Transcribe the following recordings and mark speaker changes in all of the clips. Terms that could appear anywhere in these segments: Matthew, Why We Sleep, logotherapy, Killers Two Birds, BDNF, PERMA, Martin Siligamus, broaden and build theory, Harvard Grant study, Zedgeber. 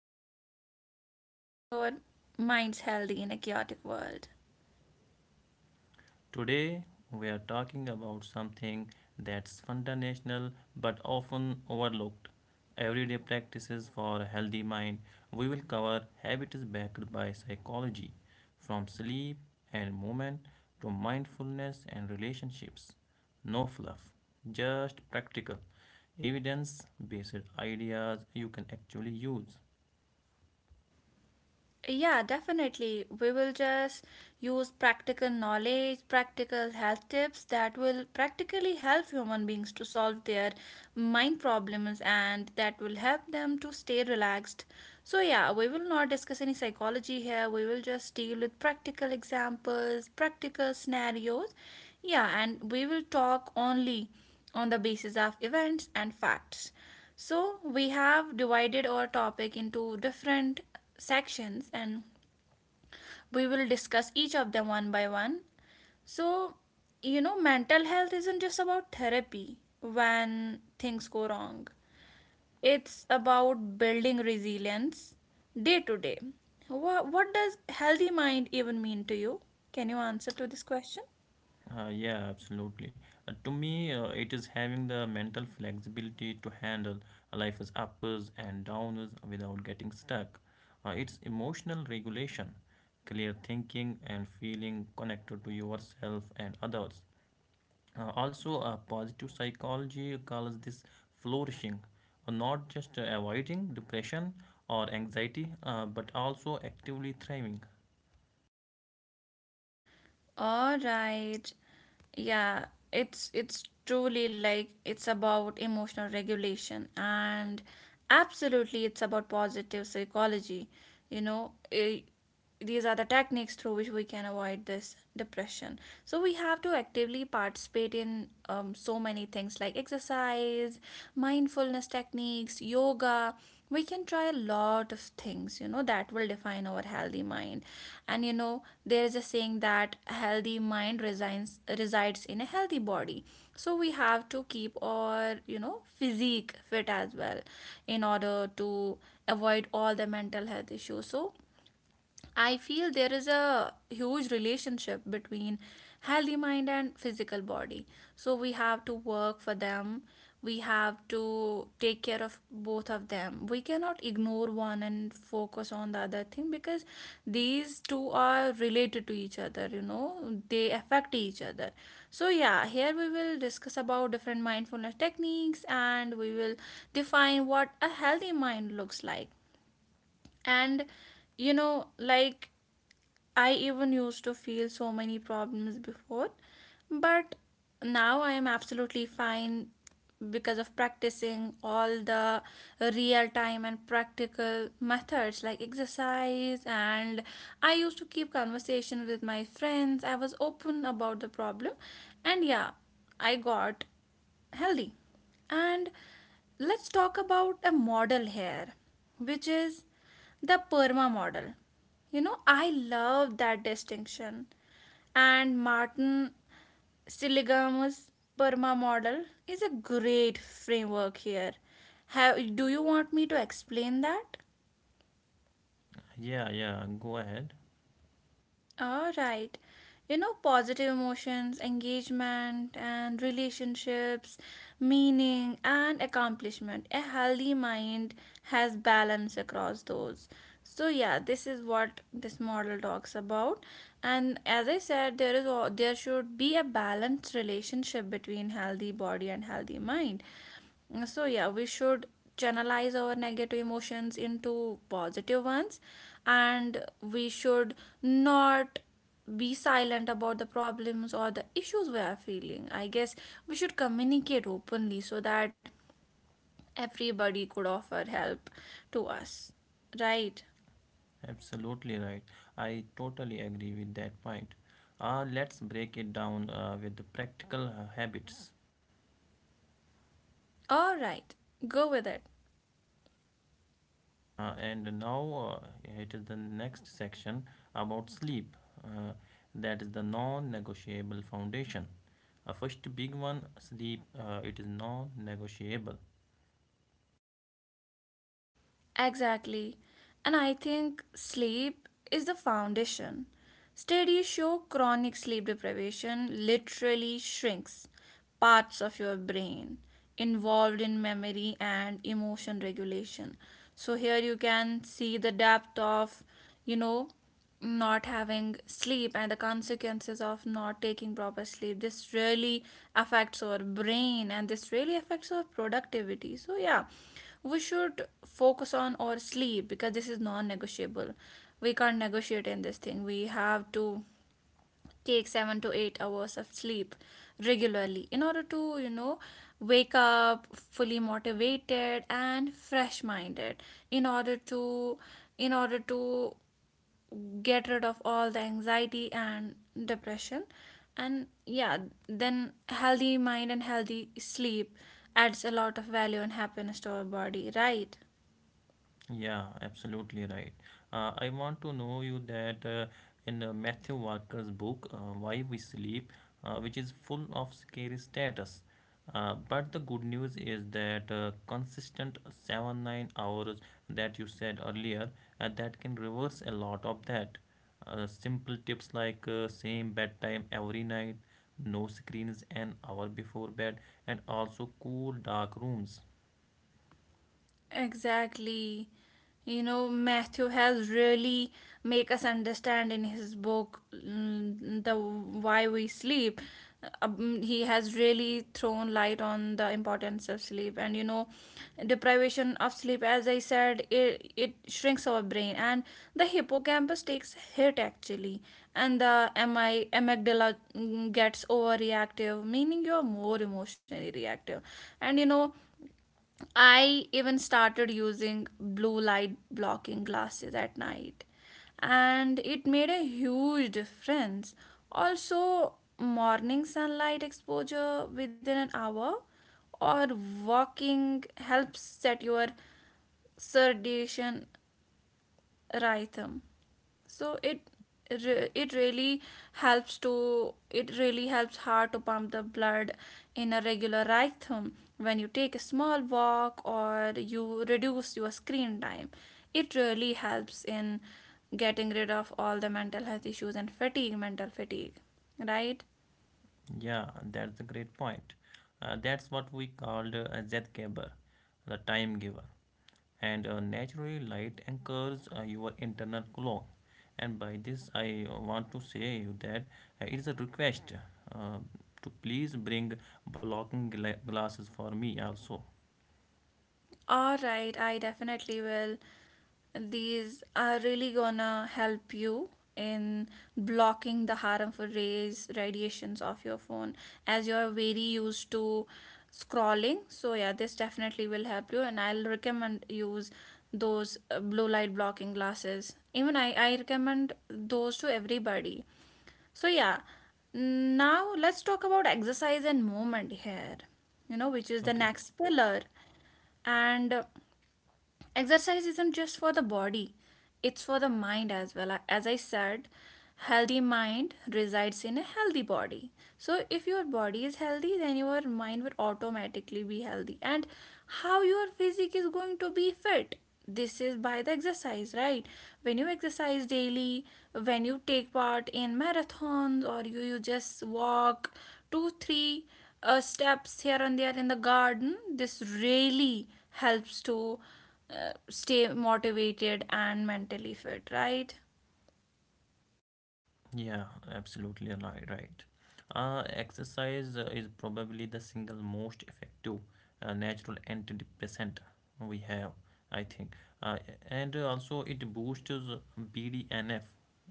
Speaker 1: and practice of keeping our minds healthy in a chaotic world.
Speaker 2: Today, we are talking about something that's fundamental but often overlooked, everyday practices for a healthy mind. We will cover habits backed by psychology, from sleep and movement to mindfulness and relationships. No fluff, just practical, evidence based ideas you can actually use.
Speaker 1: Yeah, definitely. We will just use practical knowledge, practical health tips that will practically help human beings to solve their mind problems and that will help them to stay relaxed. So, yeah, we will not discuss any psychology here. We will just deal with practical examples, practical scenarios. Yeah, and we will talk only on the basis of events and facts. So, we have divided our topic into different sections and we will discuss each of them one by one. So, Mental health isn't just about therapy when things go wrong, it's about building resilience day to day. What does healthy mind even mean to you? Can you answer to this question?
Speaker 2: Yeah, absolutely. To me, it is having the mental flexibility to handle life's uppers and downers without getting stuck. It's emotional regulation, clear thinking, and feeling connected to yourself and others. Also, positive psychology calls this flourishing, not just avoiding depression or anxiety, but also actively thriving.
Speaker 1: All right. Yeah, it's truly like it's about emotional regulation and absolutely it's about positive psychology. You know, eh, these are the techniques through which we can avoid this depression. So we have to actively participate in so many things like exercise, mindfulness techniques, yoga, we can try a lot of things, that will define our healthy mind. And there is a saying that healthy mind resides in a healthy body, so we have to keep our, physique fit as well in order to avoid all the mental health issues. So I feel there is a huge relationship between healthy mind and physical body. So we have to work for them. We have to take care of both of them. We cannot ignore one and focus on the other thing because these two are related to each other, they affect each other. So, yeah, here we will discuss about different mindfulness techniques and we will define what a healthy mind looks like. And you know, like I even used to feel so many problems before, but now I am absolutely fine because of practicing all the real time and practical methods like exercise, and I used to keep conversation with my friends. I was open about the problem and, yeah, I got healthy. And let's talk about a model here, which is the PERMA model. You know, I love that distinction. And Martin Siligamus Burma model is a great framework here. Do you want me to explain that?
Speaker 2: Yeah, yeah, go ahead.
Speaker 1: All right. You know, positive emotions, engagement, and relationships, meaning, and accomplishment. A healthy mind has balance across those. So yeah, this is what this model talks about. And as I said, there is there should be a balanced relationship between healthy body and healthy mind. So, yeah, we should channelize our negative emotions into positive ones and we should not be silent about the problems or the issues we are feeling. I guess we should communicate openly so that everybody could offer help to us. Right?
Speaker 2: Absolutely right. I totally agree with that point. Let's break it down with the practical habits.
Speaker 1: All right, go with it.
Speaker 2: And now it is the next section about sleep. Uh, that is the non-negotiable foundation. First big one, sleep. It is non-negotiable.
Speaker 1: Exactly. And I think sleep is the foundation. Studies show chronic sleep deprivation literally shrinks parts of your brain involved in memory and emotion regulation. So here you can see the depth of, you know, not having sleep and the consequences of not taking proper sleep. This really affects our brain and this really affects our productivity. So yeah, we should focus on our sleep because this is non-negotiable. We can't negotiate in this thing. We have to take 7 to 8 hours of sleep regularly in order to, wake up fully motivated and fresh minded, in order to in order to get rid of all the anxiety and depression. And yeah, then healthy mind and healthy sleep adds a lot of value and happiness to our body, right?
Speaker 2: Yeah, absolutely right. I want to know you that in Matthew Walker's book, Why We Sleep, which is full of scary status. But the good news is that consistent 7 9 hours that you said earlier, that can reverse a lot of that. Simple tips like same bedtime every night, no screens an hour before bed, and also cool dark rooms.
Speaker 1: Exactly. You know, Matthew has really make us understand in his book, the why we sleep. He has really thrown light on the importance of sleep, and you know, deprivation of sleep, as I said, it shrinks our brain, and the hippocampus takes a hit actually, and the mi amygdala gets overreactive, meaning you're more emotionally reactive. And you know, I even started using blue light blocking glasses at night, and it made a huge difference. Also, morning sunlight exposure within an hour or walking helps set your circadian rhythm. So it it really helps to, it really helps heart to pump the blood in a regular rhythm. When you take a small walk or you reduce your screen time, it really helps in getting rid of all the mental health issues and fatigue, mental fatigue, right?
Speaker 2: Yeah, that's a great point. That's what we called a Zedgeber, the time giver. And naturally, light anchors your internal clock. And by this, I want to say you that it is a request uh, to please bring blocking glasses for me also.
Speaker 1: All right, I definitely will. These are really gonna help you in blocking the harmful rays, radiations of your phone, as you're very used to scrolling. So yeah, this definitely will help you, and I'll recommend use those blue light blocking glasses. Even I recommend those to everybody. So yeah, now let's talk about exercise and movement here. You know, which is the
Speaker 2: Okay.
Speaker 1: next pillar. And exercise isn't just for the body, it's for the mind as well. As I said, healthy mind resides in a healthy body, so if your body is healthy then your mind will automatically be healthy. And how your physique is going to be fit? This is by the exercise, right? When you exercise daily, when you take part in marathons or you just walk 2 3 steps here and there in the garden, this really helps to stay motivated and mentally fit, right?
Speaker 2: Yeah, absolutely right, right. Exercise is probably the single most effective natural antidepressant we have, I think. Uh, and also it boosts BDNF,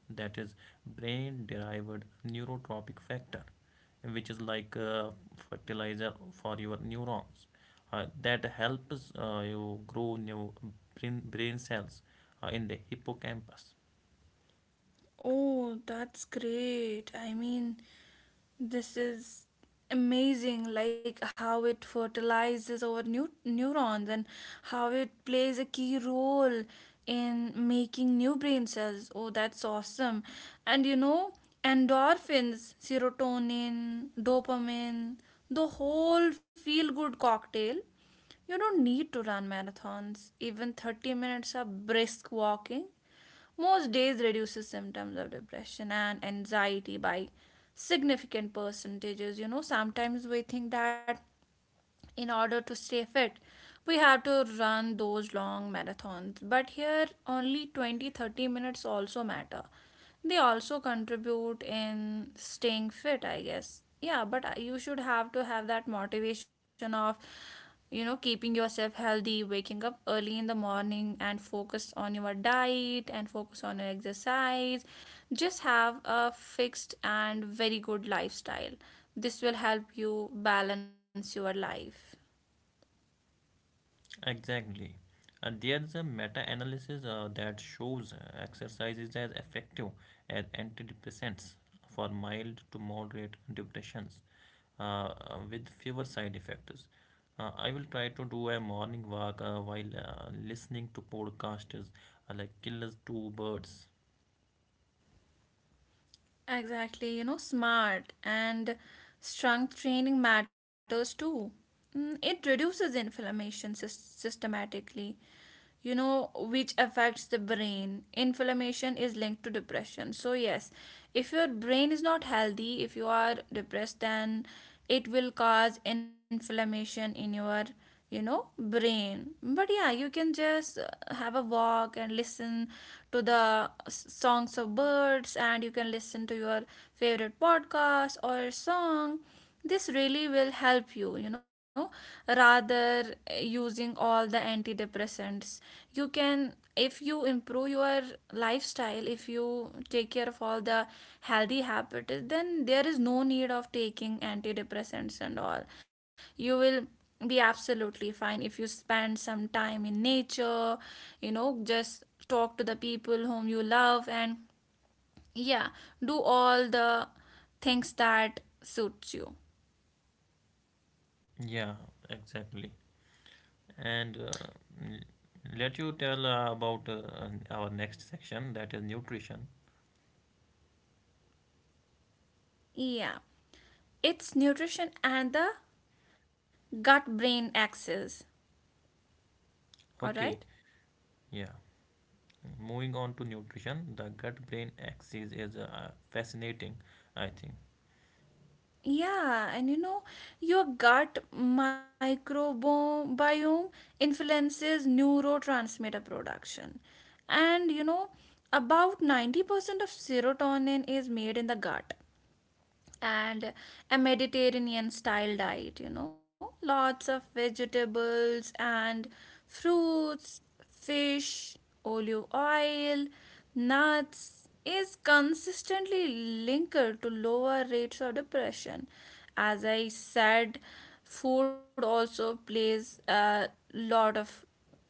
Speaker 2: that is brain-derived neurotropic factor, which is like fertilizer for your neurons. That helps you grow new brain cells in the hippocampus.
Speaker 1: Oh, that's great. I mean, this is amazing, like how it fertilizes our new neurons and how it plays a key role in making new brain cells. Oh, that's awesome. And you know, endorphins, serotonin, dopamine, the whole feel good cocktail. You don't need to run marathons. Even 30 minutes of brisk walking most days reduces symptoms of depression and anxiety by significant percentages. You know, sometimes we think that in order to stay fit we have to run those long marathons, but here only 20 to 30 minutes also matter. They also contribute in staying fit, I guess. Yeah, but you should have to have that motivation of, keeping yourself healthy, waking up early in the morning, and focus on your diet and focus on your exercise. Just have a fixed and very good lifestyle. This will help you balance your life.
Speaker 2: Exactly. And there's a meta analysis that shows exercise is as effective as antidepressants for mild to moderate depressions with fewer side effects. I will try to do a morning walk while listening to podcasters like Killers Two Birds.
Speaker 1: Exactly, you know, smart and strength training matters too. It reduces inflammation systematically, you know, which affects the brain. Inflammation is linked to depression, so yes, if your brain is not healthy, if you are depressed, then it will cause inflammation in your, brain. But yeah, you can just have a walk and listen to the songs of birds, and you can listen to your favorite podcast or song. This really will help you, you know, rather using all the antidepressants. You can, if you improve your lifestyle, if you take care of all the healthy habits, then there is no need of taking antidepressants and all. You will be absolutely fine if you spend some time in nature. You know, just talk to the people whom you love, and yeah, do all the things that suits you.
Speaker 2: Yeah, exactly. And l- let you tell about our next section that is nutrition.
Speaker 1: Yeah, it's nutrition and the gut brain axis. All right.
Speaker 2: Okay, yeah. Moving on to nutrition, the gut brain axis is fascinating, I think.
Speaker 1: Yeah, and you know, your gut microbiome influences neurotransmitter production. And you know, about 90% of serotonin is made in the gut. And a Mediterranean style diet, you know, lots of vegetables and fruits, fish, olive oil, nuts is consistently linked to lower rates of depression. As I said, food also plays a lot of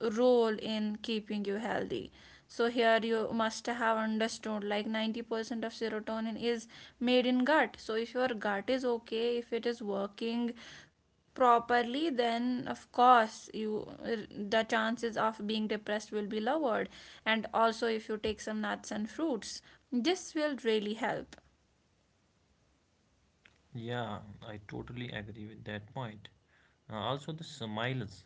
Speaker 1: role in keeping you healthy. So here you must have understood, like 90% of serotonin is made in gut. So if your gut is okay, if it is working properly, then of course you, the chances of being depressed will be lowered. And also if you take some nuts and fruits, this will really help.
Speaker 2: Yeah, I totally agree with that point. Also the smiles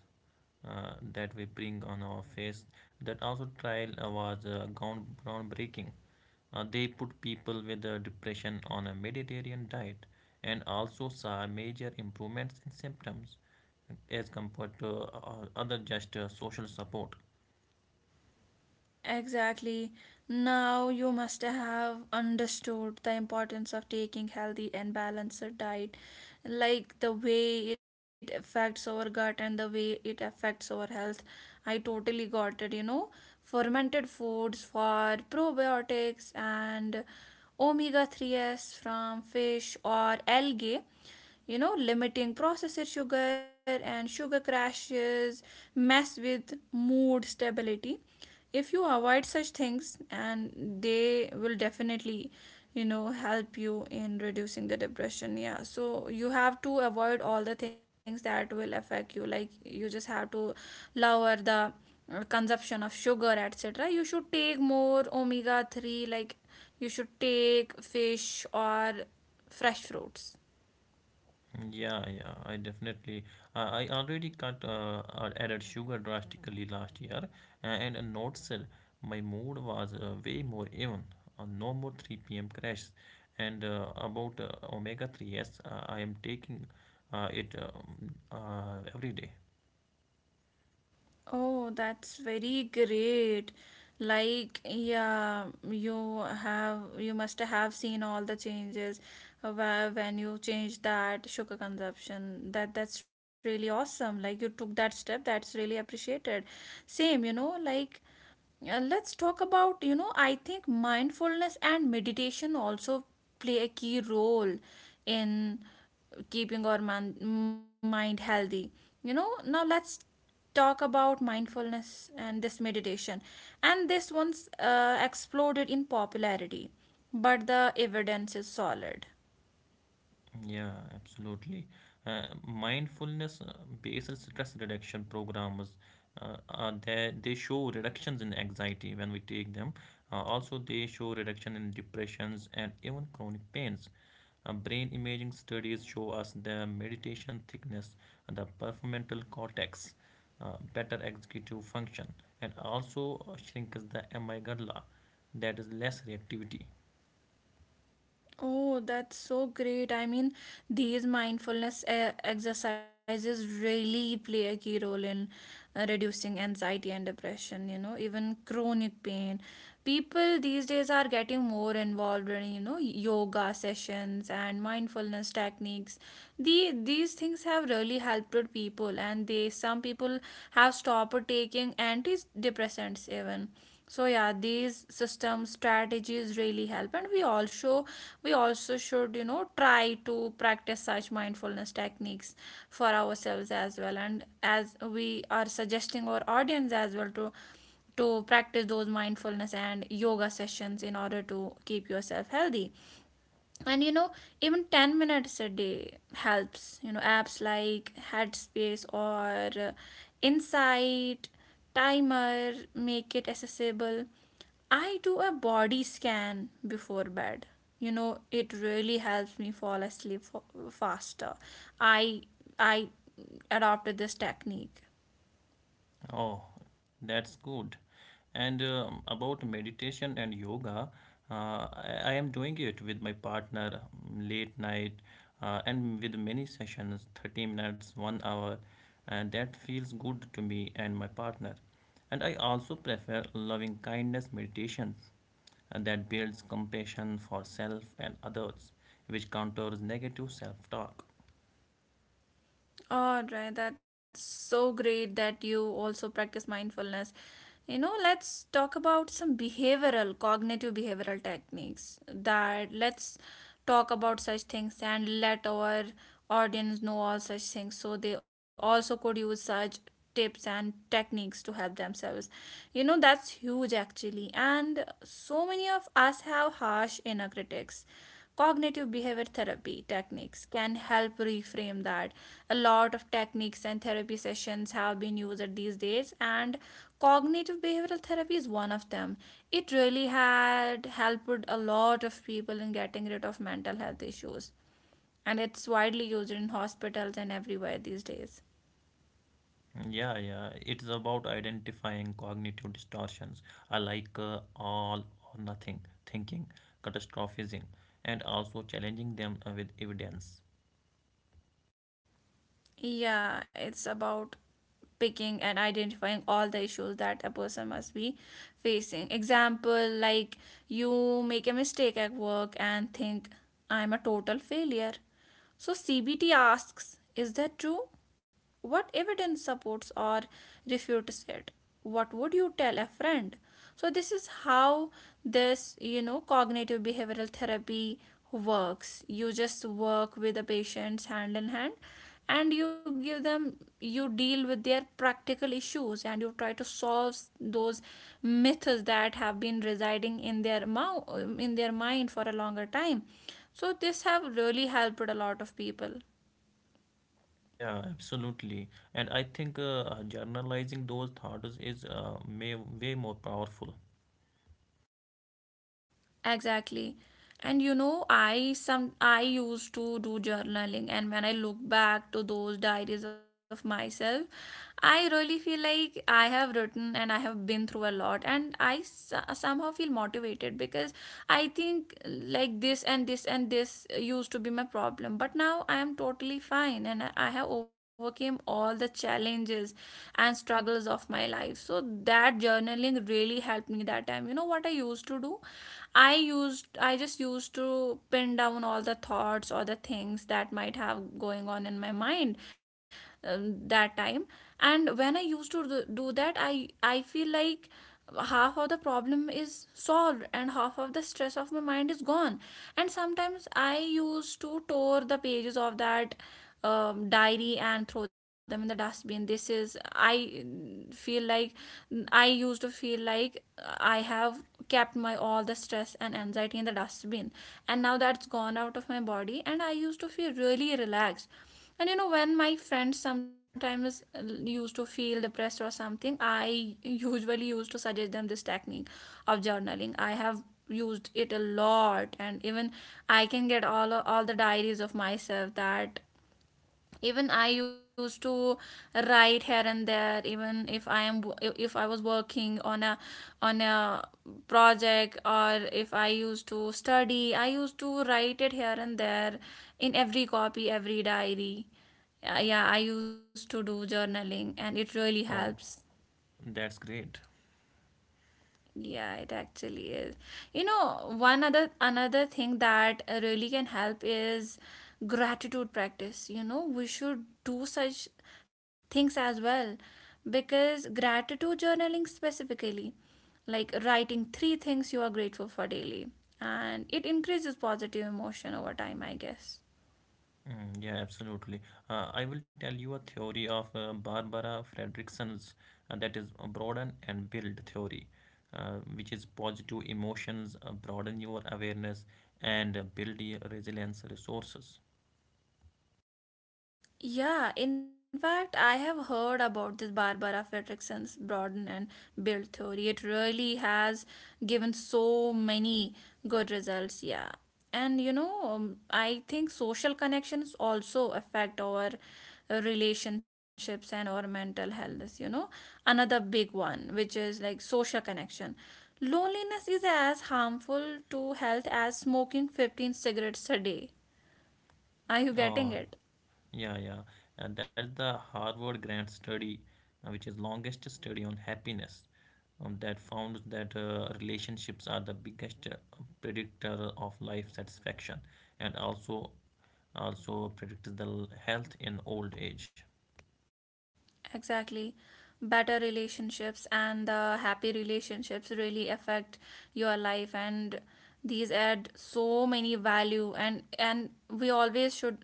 Speaker 2: that we bring on our face, that also trial was groundbreaking. They put people with depression on a Mediterranean diet, and also saw major improvements in symptoms as compared to other just social support.
Speaker 1: Exactly. Now you must have understood the importance of taking healthy and balanced diet, like the way it affects our gut and the way it affects our health. I totally got it, you know. Fermented foods for probiotics and omega 3s from fish or algae, you know, limiting processed sugar and sugar crashes mess with mood stability. If you avoid such things, and they will definitely, you know, help you in reducing the depression. Yeah, so you have to avoid all the things that will affect you, like you just have to lower the consumption of sugar, etc. You should take more omega 3, like you should take fish or fresh fruits.
Speaker 2: Yeah, yeah, I definitely. I already cut or added sugar drastically last year, and I noticed my mood was way more even. No more 3 p.m. crash. And about omega 3, yes, I am taking it every day.
Speaker 1: Oh, that's very great. Like, yeah, you have, you must have seen all the changes where when you changed that sugar consumption. That's really awesome. Like, you took that step, that's really appreciated. Same, you know, like let's talk about, you know, I think mindfulness and meditation also play a key role in keeping our mind healthy. You know, now let's talk about mindfulness and this meditation. And this one's exploded in popularity, but the evidence is solid.
Speaker 2: Yeah, absolutely. Mindfulness based stress reduction programs are there, they show reductions in anxiety when we take them. Also, they show reduction in depressions and even chronic pains. Brain imaging studies show us the meditation thickness, the prefrontal cortex, better executive function, and also shrinks the amygdala, that is less reactivity.
Speaker 1: Oh, that's so great. I mean, these mindfulness exercises really play a key role in reducing anxiety and depression, you know, even chronic pain. People these days are getting more involved in, you know, yoga sessions and mindfulness techniques. These things have really helped people, and they some people have stopped taking antidepressants even. So yeah, these system strategies really help, and we also should, you know, try to practice such mindfulness techniques for ourselves as well, and as we are suggesting our audience as well to practice those mindfulness and yoga sessions in order to keep yourself healthy. And you know, even 10 minutes a day helps. You know, apps like Headspace or Insight Timer make it accessible. I do a body scan before bed. You know, it really helps me fall asleep faster. I i adopted this technique.
Speaker 2: Oh, that's good. And about meditation and yoga, I am doing it with my partner late night and with many sessions 30 minutes, 1 hour, and that feels good to me and my partner. And I also prefer loving kindness meditations and that builds compassion for self and others, which counters negative self talk.
Speaker 1: All right, that's so great that you also practice mindfulness. You know, let's talk about some behavioral, cognitive behavioral techniques that Let's talk about such things and let our audience know all such things so they also could use such tips and techniques to help themselves. You know, that's huge, actually. And so many of us have harsh inner critics. Cognitive behavior therapy techniques can help reframe that. A lot of techniques and therapy sessions have been used these days, and cognitive behavioral therapy is one of them. It really had helped a lot of people in getting rid of mental health issues, and it's widely used in hospitals and everywhere these days.
Speaker 2: Yeah, yeah. It's about identifying cognitive distortions. I like all or nothing thinking, catastrophizing, and also challenging them with evidence.
Speaker 1: Yeah, it's about picking and identifying all the issues that a person must be facing. Example, like you make a mistake at work and think, I'm a total failure. So CBT asks, is that true? What evidence supports or refutes it? What would you tell a friend? So this is how this, you know, cognitive behavioral therapy works. You just work with the patients hand in hand, and you give them you deal with their practical issues and you try to solve those myths that have been residing in their mouth in their mind for a longer time. So this have really helped a lot of people.
Speaker 2: Yeah, absolutely. And I think journalizing those thoughts is way more powerful.
Speaker 1: Exactly. And you know, I used to do journaling, and when I look back to those diaries of myself, I really feel like I have written and I have been through a lot, and somehow feel motivated because I think like this and this and this used to be my problem, but now I am totally fine and I have overcame all the challenges and struggles of my life. So that journaling really helped me that time. You know what I used to do? I just used to pin down all the thoughts or the things that might have going on in my mind that time. And when I used to do that, I feel like half of the problem is solved and half of the stress of my mind is gone. And sometimes I used to tore the pages of that diary and throw them in the dustbin. This is I feel like, I used to feel like I have kept my all the stress and anxiety in the dustbin, and now that's gone out of my body, and I used to feel really relaxed. And you know, when my friends sometimes used to feel depressed or something, I usually used to suggest them this technique of journaling. I have used it a lot, and even I can get all the diaries of myself. That Even I used to write here and there, even if I am if I was working on a on a project, or if I used to study, I used to write it here and there in every copy, every diary. Yeah, I used to do journaling and it really
Speaker 2: Oh,
Speaker 1: helps.
Speaker 2: that's great.
Speaker 1: Yeah, it actually is. You know, one other another thing that really can help is gratitude practice. You know, we should do such things as well, because gratitude journaling specifically, like writing three things you are grateful for daily, and it increases positive emotion over time, I guess.
Speaker 2: Mm, yeah, absolutely. I will tell you a theory of Barbara Fredrickson's, that is a broaden and build theory, which is positive emotions broaden your awareness and build your resilience resources.
Speaker 1: Yeah, in fact, I have heard about this Barbara Fredrickson's broaden and build theory. It really has given so many good results. Yeah, and you know, I think social connections also affect our relationships and our mental health. You know, another big one, which is like social connection. Loneliness is as harmful to health as smoking 15 cigarettes a day. Are you getting
Speaker 2: Uh,
Speaker 1: it?
Speaker 2: yeah, yeah. And that's the Harvard Grant study, which is longest study on happiness. That found that relationships are the biggest predictor of life satisfaction, and also predicts the health in old age.
Speaker 1: Exactly. Better relationships and the happy relationships really affect your life, and these add so many value, and we always should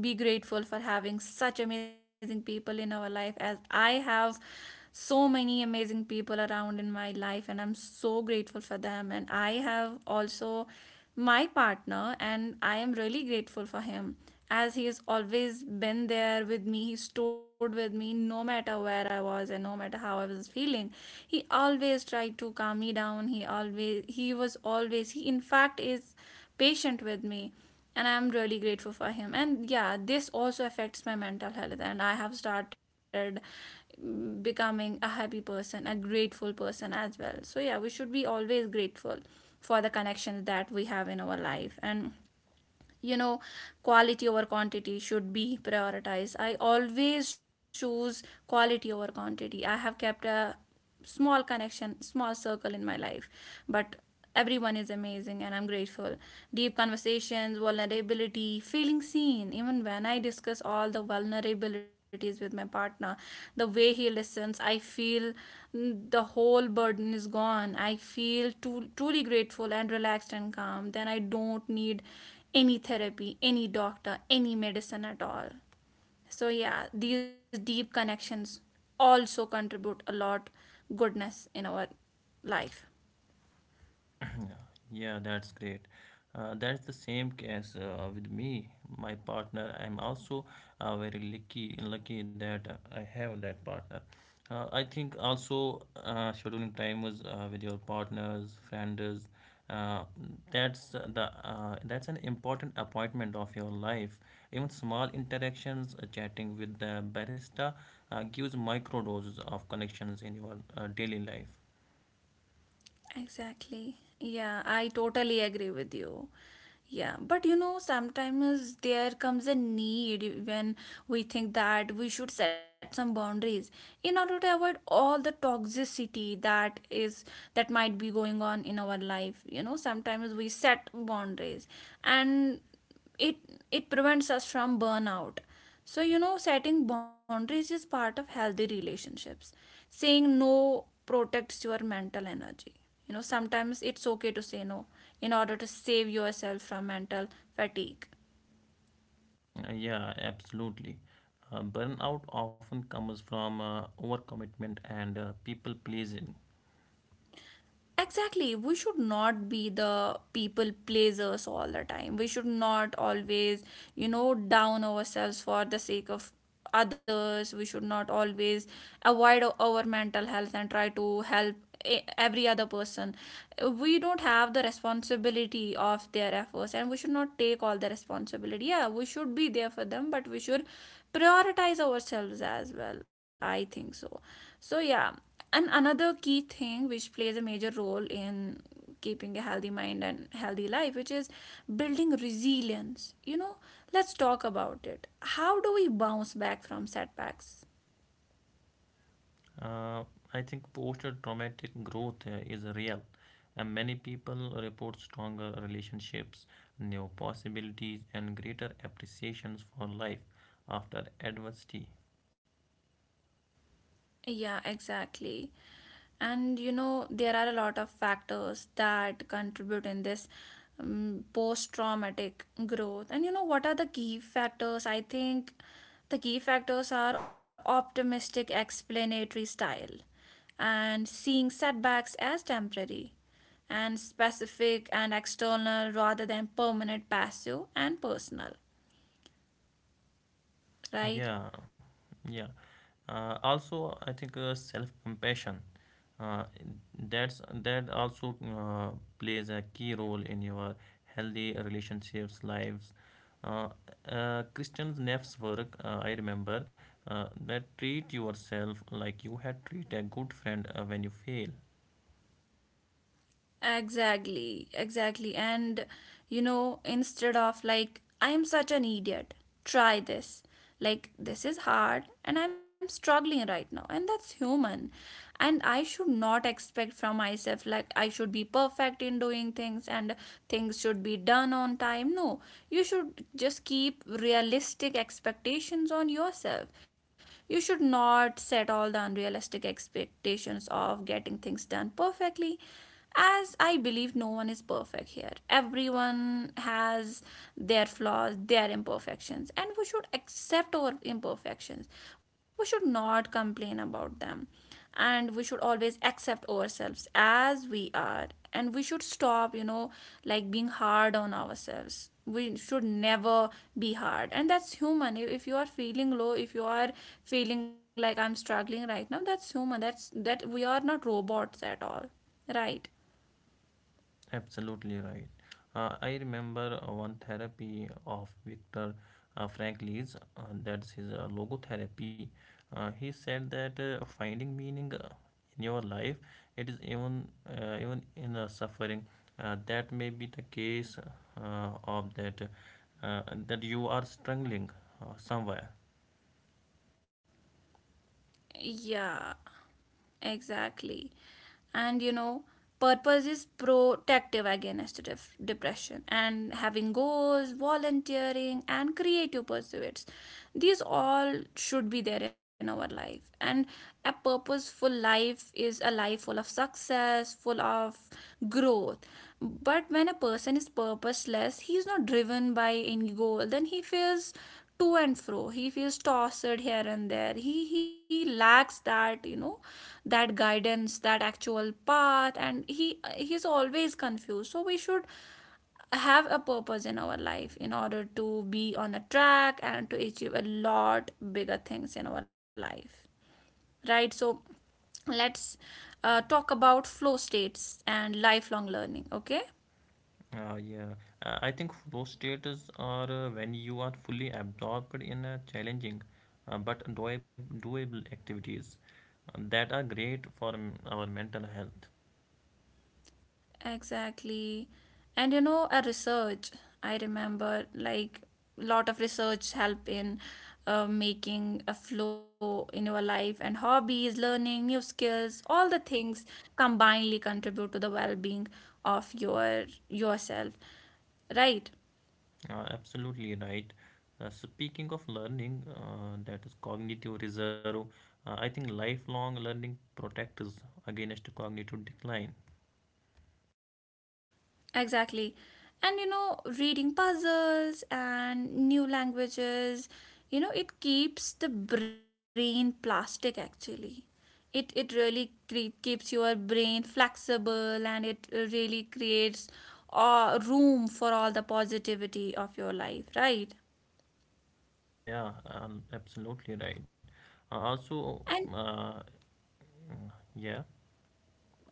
Speaker 1: be grateful for having such amazing people in our life, as I have so many amazing people around in my life and I'm so grateful for them. And I have also my partner, and I am really grateful for him, as he has always been there with me. He stood with me no matter where I was and no matter how I was feeling. He always tried to calm me down. He always, he was always, He in fact is patient with me, and I'm really grateful for him. And yeah, this also affects my mental health, and I have started becoming a happy person, a grateful person as well. So yeah, we should be always grateful for the connections that we have in our life. And you know, quality over quantity should be prioritized. I always choose quality over quantity. I have kept a small connection, small circle in my life, but everyone is amazing and I'm grateful. Deep conversations, vulnerability, feeling seen. Even when I discuss all the vulnerabilities with my partner, the way he listens, I feel the whole burden is gone. I feel truly grateful and relaxed and calm. Then I don't need any therapy, any doctor, any medicine at all. So, yeah, these deep connections also contribute a lot goodness in our life.
Speaker 2: Yeah, that's great. That's the same case with me, my partner. I'm also very lucky that I have that partner. I think also scheduling time was with your partners, friends. Uh, that's an important appointment of your life. Even small interactions, chatting with the barista, gives micro doses of connections in your daily life.
Speaker 1: Exactly. Yeah, I totally agree with you. Yeah, but you know, sometimes there comes a need when we think that we should set some boundaries in order to avoid all the toxicity that is that might be going on in our life. You know, sometimes we set boundaries, and it it prevents us from burnout. So you know, setting boundaries is part of healthy relationships. Saying no protects your mental energy. You know, sometimes it's okay to say no in order to save yourself from mental fatigue.
Speaker 2: Yeah, absolutely. Burnout often comes from overcommitment and people pleasing.
Speaker 1: Exactly. We should not be the people pleasers all the time. We should not always, you know, down ourselves for the sake of others. We should not always avoid our mental health and try to help every other person. We don't have the responsibility of their efforts and we should not take all the responsibility. Yeah, we should be there for them, but we should prioritize ourselves as well, I think so. So, yeah, and another key thing which plays a major role in keeping a healthy mind and healthy life, which is building resilience. You know, let's talk about it. How do we bounce back from setbacks?
Speaker 2: Uh, I think post-traumatic growth is real, and many people report stronger relationships, new possibilities, and greater appreciations for life after adversity.
Speaker 1: Yeah, exactly. And you know, there are a lot of factors that contribute in this post-traumatic growth. And you know, what are the key factors? I think the key factors are optimistic explanatory style, and seeing setbacks as temporary and specific and external rather than permanent, passive and personal, right?
Speaker 2: Yeah, yeah. Also, I think self-compassion uh, that also plays a key role in your healthy relationships lives. uh, christian Neff's work, I remember, that treat yourself like you had treat a good friend when you fail.
Speaker 1: Exactly, exactly. And you know, instead of like, I am such an idiot, try this. Like, this is hard and I'm struggling right now. And that's human. And I should not expect from myself, like, I should be perfect in doing things and things should be done on time. No, you should just keep realistic expectations on yourself. You should not set all the unrealistic expectations of getting things done perfectly, as I believe no one is perfect here. Everyone has their flaws, their imperfections, and we should accept our imperfections. We should not complain about them, and we should always accept ourselves as we are. And we should stop, you know, like being hard on ourselves. We should never be hard. And that's human. If you are feeling low, if you are feeling like I'm struggling right now, that's human. That we are not robots at all, right?
Speaker 2: Absolutely right. I remember one therapy of Viktor Frankl's, that's his logotherapy. He said that finding meaning in your life, it is even in suffering. That may be the case of uh, that you are struggling somewhere.
Speaker 1: Yeah, exactly. And you know, purpose is protective against depression, and having goals, volunteering, and creative pursuits, these all should be there in our life. And a purposeful life is a life full of success, full of growth. But when a person is purposeless, he is not driven by any goal, then he feels to and fro. He feels tossed here and there. He lacks that, that guidance, that actual path, and he's always confused. So we should have a purpose in our life in order to be on a track and to achieve a lot bigger things in our life, right? So let's talk about flow states and lifelong learning. Okay.
Speaker 2: Yeah. I think flow states are when you are fully absorbed in a challenging but doable activities that are great for our mental health.
Speaker 1: Exactly. And you know, a research, I remember, like, lot of research help in making a flow in your life, and hobbies, learning new skills, all the things combinedly contribute to the well-being of yourself. Right?
Speaker 2: Absolutely right. Speaking of learning, that is cognitive reserve. I think lifelong learning protects us against cognitive decline.
Speaker 1: Exactly. And you know, reading puzzles and new languages, you know, it keeps the brain plastic actually. It really keeps your brain flexible, and it really creates room for all the positivity of your life, right?
Speaker 2: Yeah, absolutely right.
Speaker 1: And
Speaker 2: Also, uh, yeah,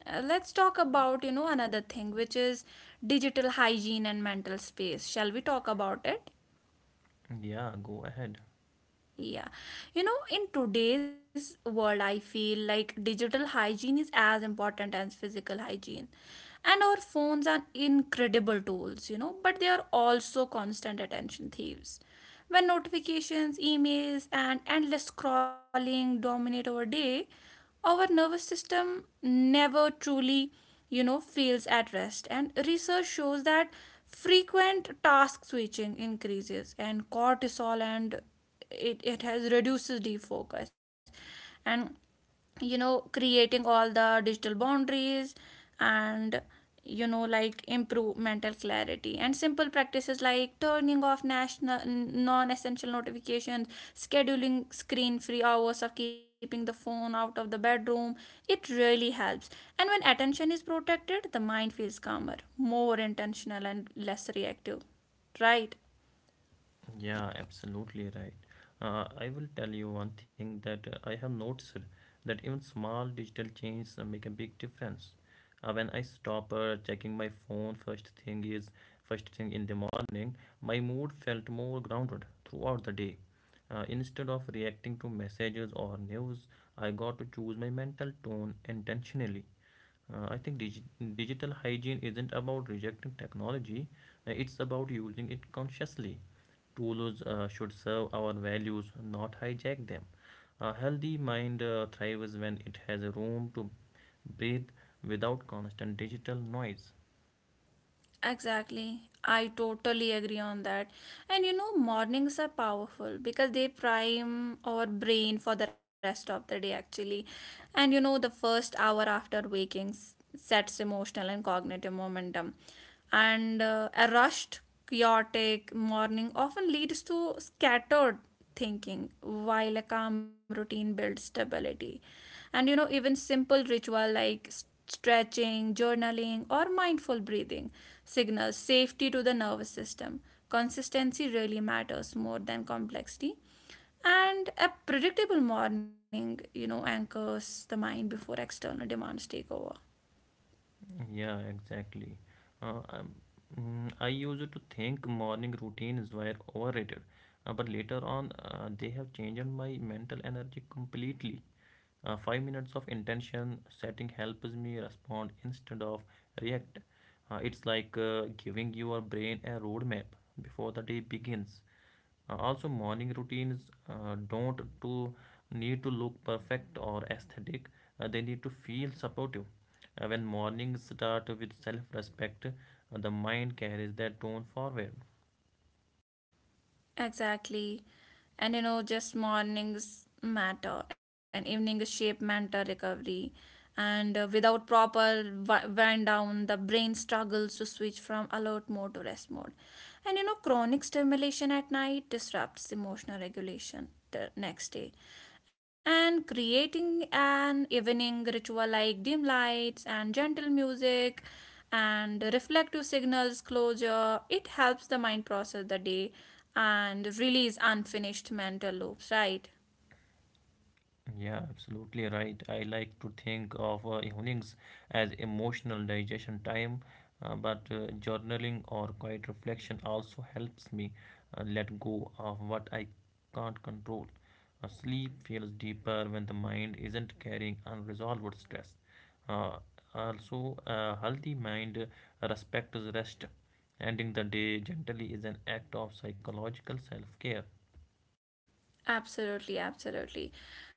Speaker 1: let's talk about, you know, another thing which is digital hygiene and mental space. Shall we talk about it?
Speaker 2: yeah, go ahead.
Speaker 1: Yeah. You know, in today's world, I feel like digital hygiene is as important as physical hygiene. And our phones are incredible tools, you know, but they are also constant attention thieves. When notifications, emails, and endless scrolling dominate our day, our nervous system never truly, you know, feels at rest. And research shows that frequent task switching increases and cortisol, and it has reduces defocus, and you know, creating all the digital boundaries and you know, like, improve mental clarity. And simple practices like turning off national non-essential notifications, scheduling screen free hours, or keeping the phone out of the bedroom, it really helps. And when attention is protected, the mind feels calmer, more intentional, and less reactive, right?
Speaker 2: Yeah, absolutely right. I will tell you one thing that I have noticed that even small digital changes make a big difference. When I stop checking my phone first thing in the morning, my mood felt more grounded throughout the day. Instead of reacting to messages or news, I got to choose my mental tone intentionally. I think digital hygiene isn't about rejecting technology, it's about using it consciously. Tools should serve our values, not hijack them. A healthy mind thrives when it has room to breathe without constant digital noise.
Speaker 1: Exactly. I totally agree on that. And you know, mornings are powerful because they prime our brain for the rest of the day, actually. And you know, the first hour after waking sets emotional and cognitive momentum. And a rushed, chaotic morning often leads to scattered thinking, while a calm routine builds stability. And you know, even simple ritual like stretching, journaling, or mindful breathing signals safety to the nervous system. Consistency really matters more than complexity. And a predictable morning, you know, anchors the mind before external demands take over.
Speaker 2: Yeah, exactly. Uh, um, I used to think morning routines were overrated, but later on, they have changed my mental energy completely. 5 minutes of intention setting helps me respond instead of react. It's like giving your brain a roadmap before the day begins. Also, morning routines don't to need to look perfect or aesthetic. They need to feel supportive. When mornings start with self-respect, the mind carries that tone forward.
Speaker 1: Exactly. And you know, just mornings matter and evening shape mental recovery. And without proper wind down, the brain struggles to switch from alert mode to rest mode. And you know, chronic stimulation at night disrupts emotional regulation the next day. And creating an evening ritual like dim lights and gentle music and reflective signals closure, it helps the mind process the day and release unfinished mental loops, right?
Speaker 2: Yeah, absolutely right. I like to think of evenings as emotional digestion time, but journaling or quiet reflection also helps me let go of what I can't control. Sleep feels deeper when the mind isn't carrying unresolved stress. Uh, Also, a healthy mind respects rest. Ending the day gently is an act of psychological self care.
Speaker 1: Absolutely, absolutely.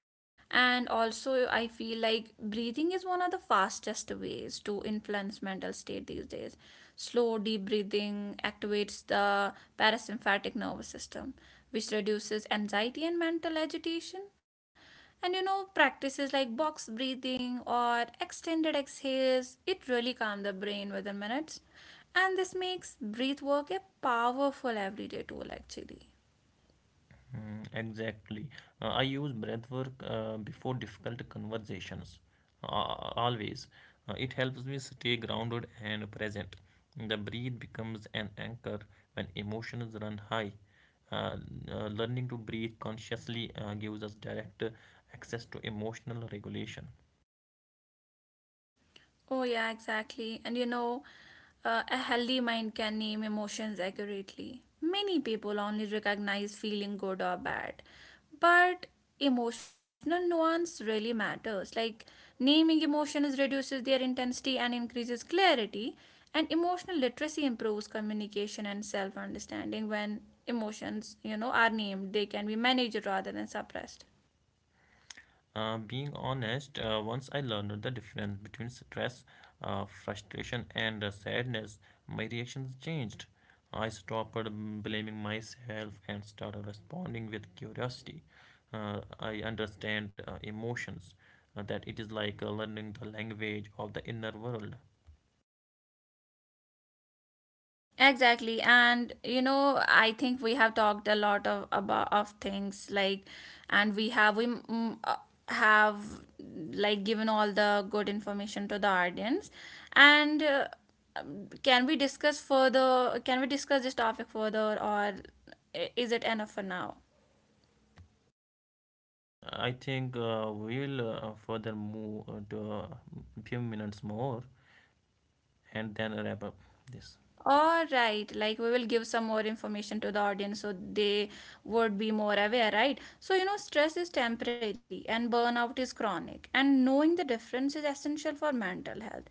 Speaker 1: And also, I feel like breathing is one of the fastest ways to influence mental state these days. Slow, deep breathing activates the parasympathetic nervous system, which reduces anxiety and mental agitation. And you know, practices like box breathing or extended exhales, it really calm the brain within minutes. And this makes breath work a powerful everyday tool actually.
Speaker 2: Mm, exactly. I use breath work before difficult conversations. Uh, Always. It helps me stay grounded and present. The breathe becomes an anchor when emotions run high. Uh, Learning to breathe consciously gives us direct access to emotional regulation.
Speaker 1: Oh, yeah, exactly. And you know, a healthy mind can name emotions accurately. Many people only recognize feeling good or bad. But emotional nuance really matters. Like, naming emotions reduces their intensity and increases clarity. And emotional literacy improves communication and self understanding. When emotions, you know, are named, they can be managed rather than suppressed.
Speaker 2: Being honest, once I learned the difference between stress, frustration, and sadness, my reactions changed. I stopped blaming myself and started responding with curiosity. I understand emotions, that it is like learning the language of the inner world.
Speaker 1: Exactly. And you know, I think we have talked a lot of about of things, like, and we have, like, given all the good information to the audience. And can we discuss further, can we discuss this topic further, or is it enough for now?
Speaker 2: Mm, I think we'll further move to a few minutes more and then wrap up this.
Speaker 1: All right, like we will give some more information to the audience so they would be more aware, right? So, you know, stress is temporary and burnout is chronic, and knowing the difference is essential for mental health.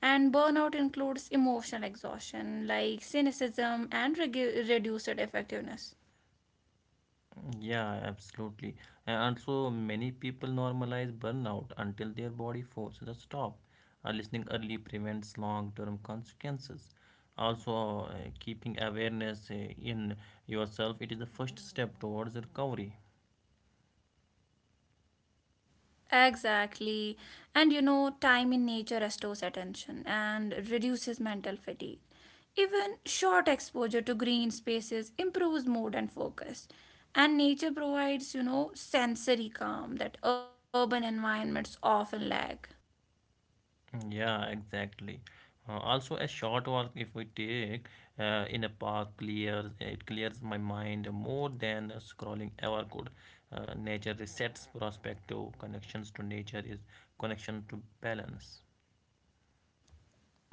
Speaker 1: And burnout includes emotional exhaustion like cynicism and reduced effectiveness.
Speaker 2: Yeah, absolutely. And also, many people normalize burnout until their body forces a stop. Listening early prevents long-term consequences. Also, keeping awareness in yourself, it is the first step towards recovery.
Speaker 1: Exactly. And you know, time in nature restores attention and reduces mental fatigue. Even short exposure to green spaces improves mood and focus. And nature provides, you know, sensory calm that urban environments often lack.
Speaker 2: Yeah, exactly. Also, a short walk, if we take in a park, clears my mind more than scrolling ever could. Nature resets perspective. Connections to nature is connection to balance.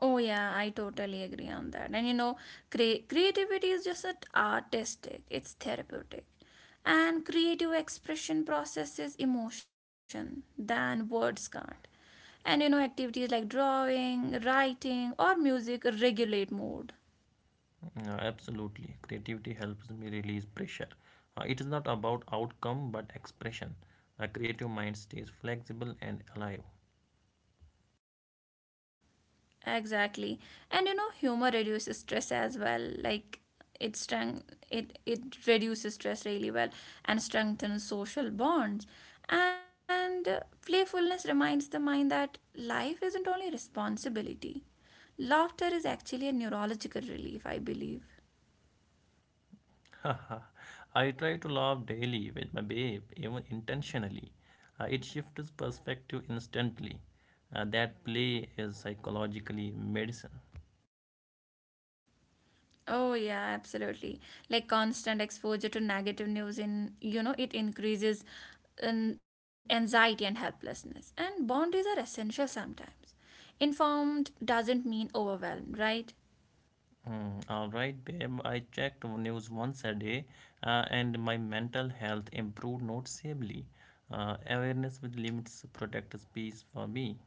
Speaker 1: Oh yeah, I totally agree on that. And you know, creativity is just artistic, it's therapeutic. And creative expression processes emotion than words can't. And you know, activities like drawing, writing, or music regulate mood.
Speaker 2: Absolutely, creativity helps me release pressure. It is not about outcome but expression. A creative mind stays flexible and alive.
Speaker 1: Exactly. And you know, humor reduces stress as well. Like, it strength it reduces stress really well and strengthens social bonds. And playfulness reminds the mind that life isn't only responsibility. Laughter is actually a neurological relief, I believe.
Speaker 2: I try to laugh daily with my babe, even intentionally. It shifts perspective instantly. That play is psychologically medicine.
Speaker 1: Oh yeah, absolutely. Like, constant exposure to negative news in, you know, it increases an anxiety and helplessness. And boundaries are essential sometimes. Informed doesn't mean overwhelmed, right?
Speaker 2: Mm, all right, babe. I checked news once a day, and my mental health improved noticeably. Awareness with limits protects peace for me.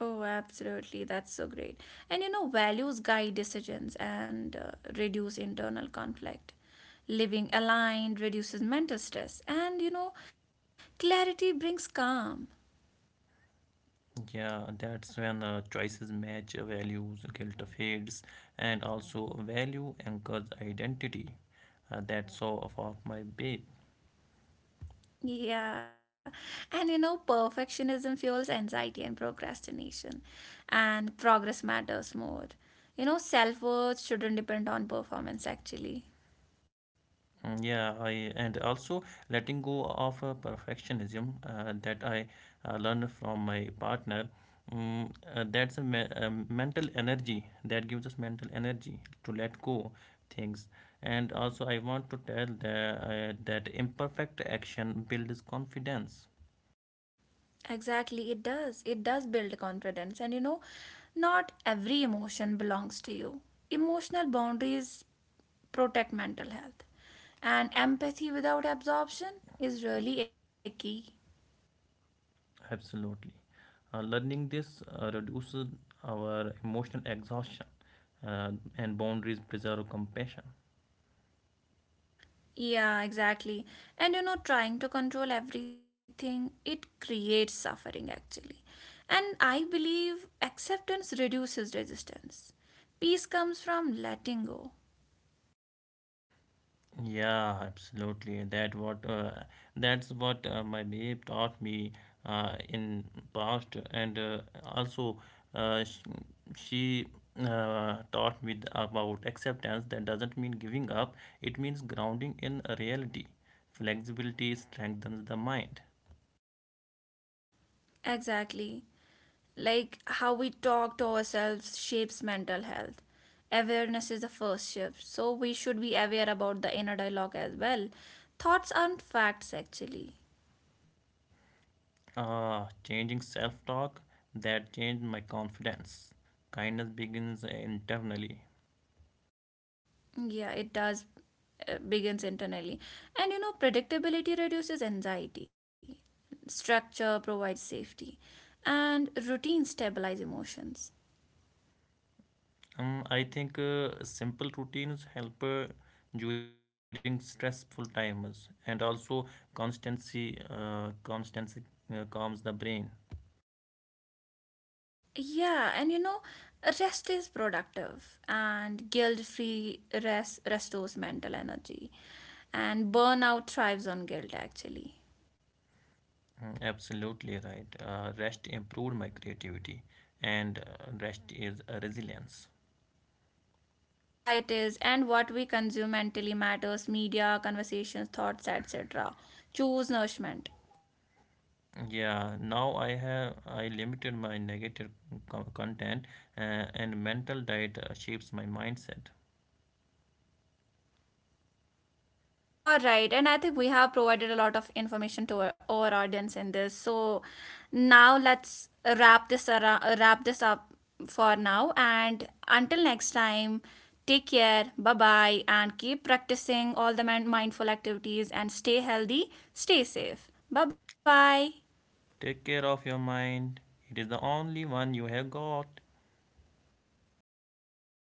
Speaker 1: Oh, absolutely. That's so great. And you know, values guide decisions and reduce internal conflict. Living aligned reduces mental stress, and you know, clarity brings calm.
Speaker 2: Yeah, that's when choices match values, guilt fades, and also value anchors identity. That's all about my babe.
Speaker 1: Yeah, and you know, perfectionism fuels anxiety and procrastination, and progress matters more. You know, self worth shouldn't depend on performance actually.
Speaker 2: Mm, yeah, I and also letting go of perfectionism that I learned from my partner. That's a mental energy that gives us mental energy to let go things. And also, I want to tell that imperfect action builds confidence.
Speaker 1: Exactly, it does. It does build confidence. And you know, not every emotion belongs to you. Emotional boundaries protect mental health, and empathy without absorption is really a key.
Speaker 2: Absolutely, learning this reduces our emotional exhaustion uh, and boundaries preserve compassion.
Speaker 1: Yeah, exactly. And you know, trying to control everything, it creates suffering actually. And I believe acceptance reduces resistance. Peace comes from letting go.
Speaker 2: Yeah, absolutely. That's what my babe taught me in past, and also uh, sh- she taught me about acceptance. That doesn't mean giving up. It means grounding in a reality. Flexibility strengthens the mind.
Speaker 1: Exactly. Like, how we talk to ourselves shapes mental health. Awareness is the first shift, so we should be aware about the inner dialogue as well. Thoughts aren't facts actually.
Speaker 2: Changing self-talk, that changed my confidence. Kindness begins internally.
Speaker 1: Yeah, it does begins internally. And you know, predictability reduces anxiety. Structure provides safety. And routine stabilize emotions.
Speaker 2: I think simple routines help during stressful times, and also constancy calms the brain.
Speaker 1: Yeah, and you know, rest is productive, and guilt-free rest restores mental energy. And burnout thrives on guilt actually.
Speaker 2: Mm, absolutely right. Rest improved my creativity, and rest is a resilience.
Speaker 1: Yeah, it is. And what we consume mentally matters, media, conversations, thoughts, etc. Choose nourishment.
Speaker 2: Yeah, now I have I limited my negative content, and mental diet shapes my mindset.
Speaker 1: All right, and I think we have provided a lot of information to our audience in this. So now let's wrap this around, wrap this up for now. And until next time, take care, bye bye, and keep practicing all the mindful activities and stay healthy, stay safe. Bye bye.
Speaker 2: Take care of your mind. It is the only one you have got.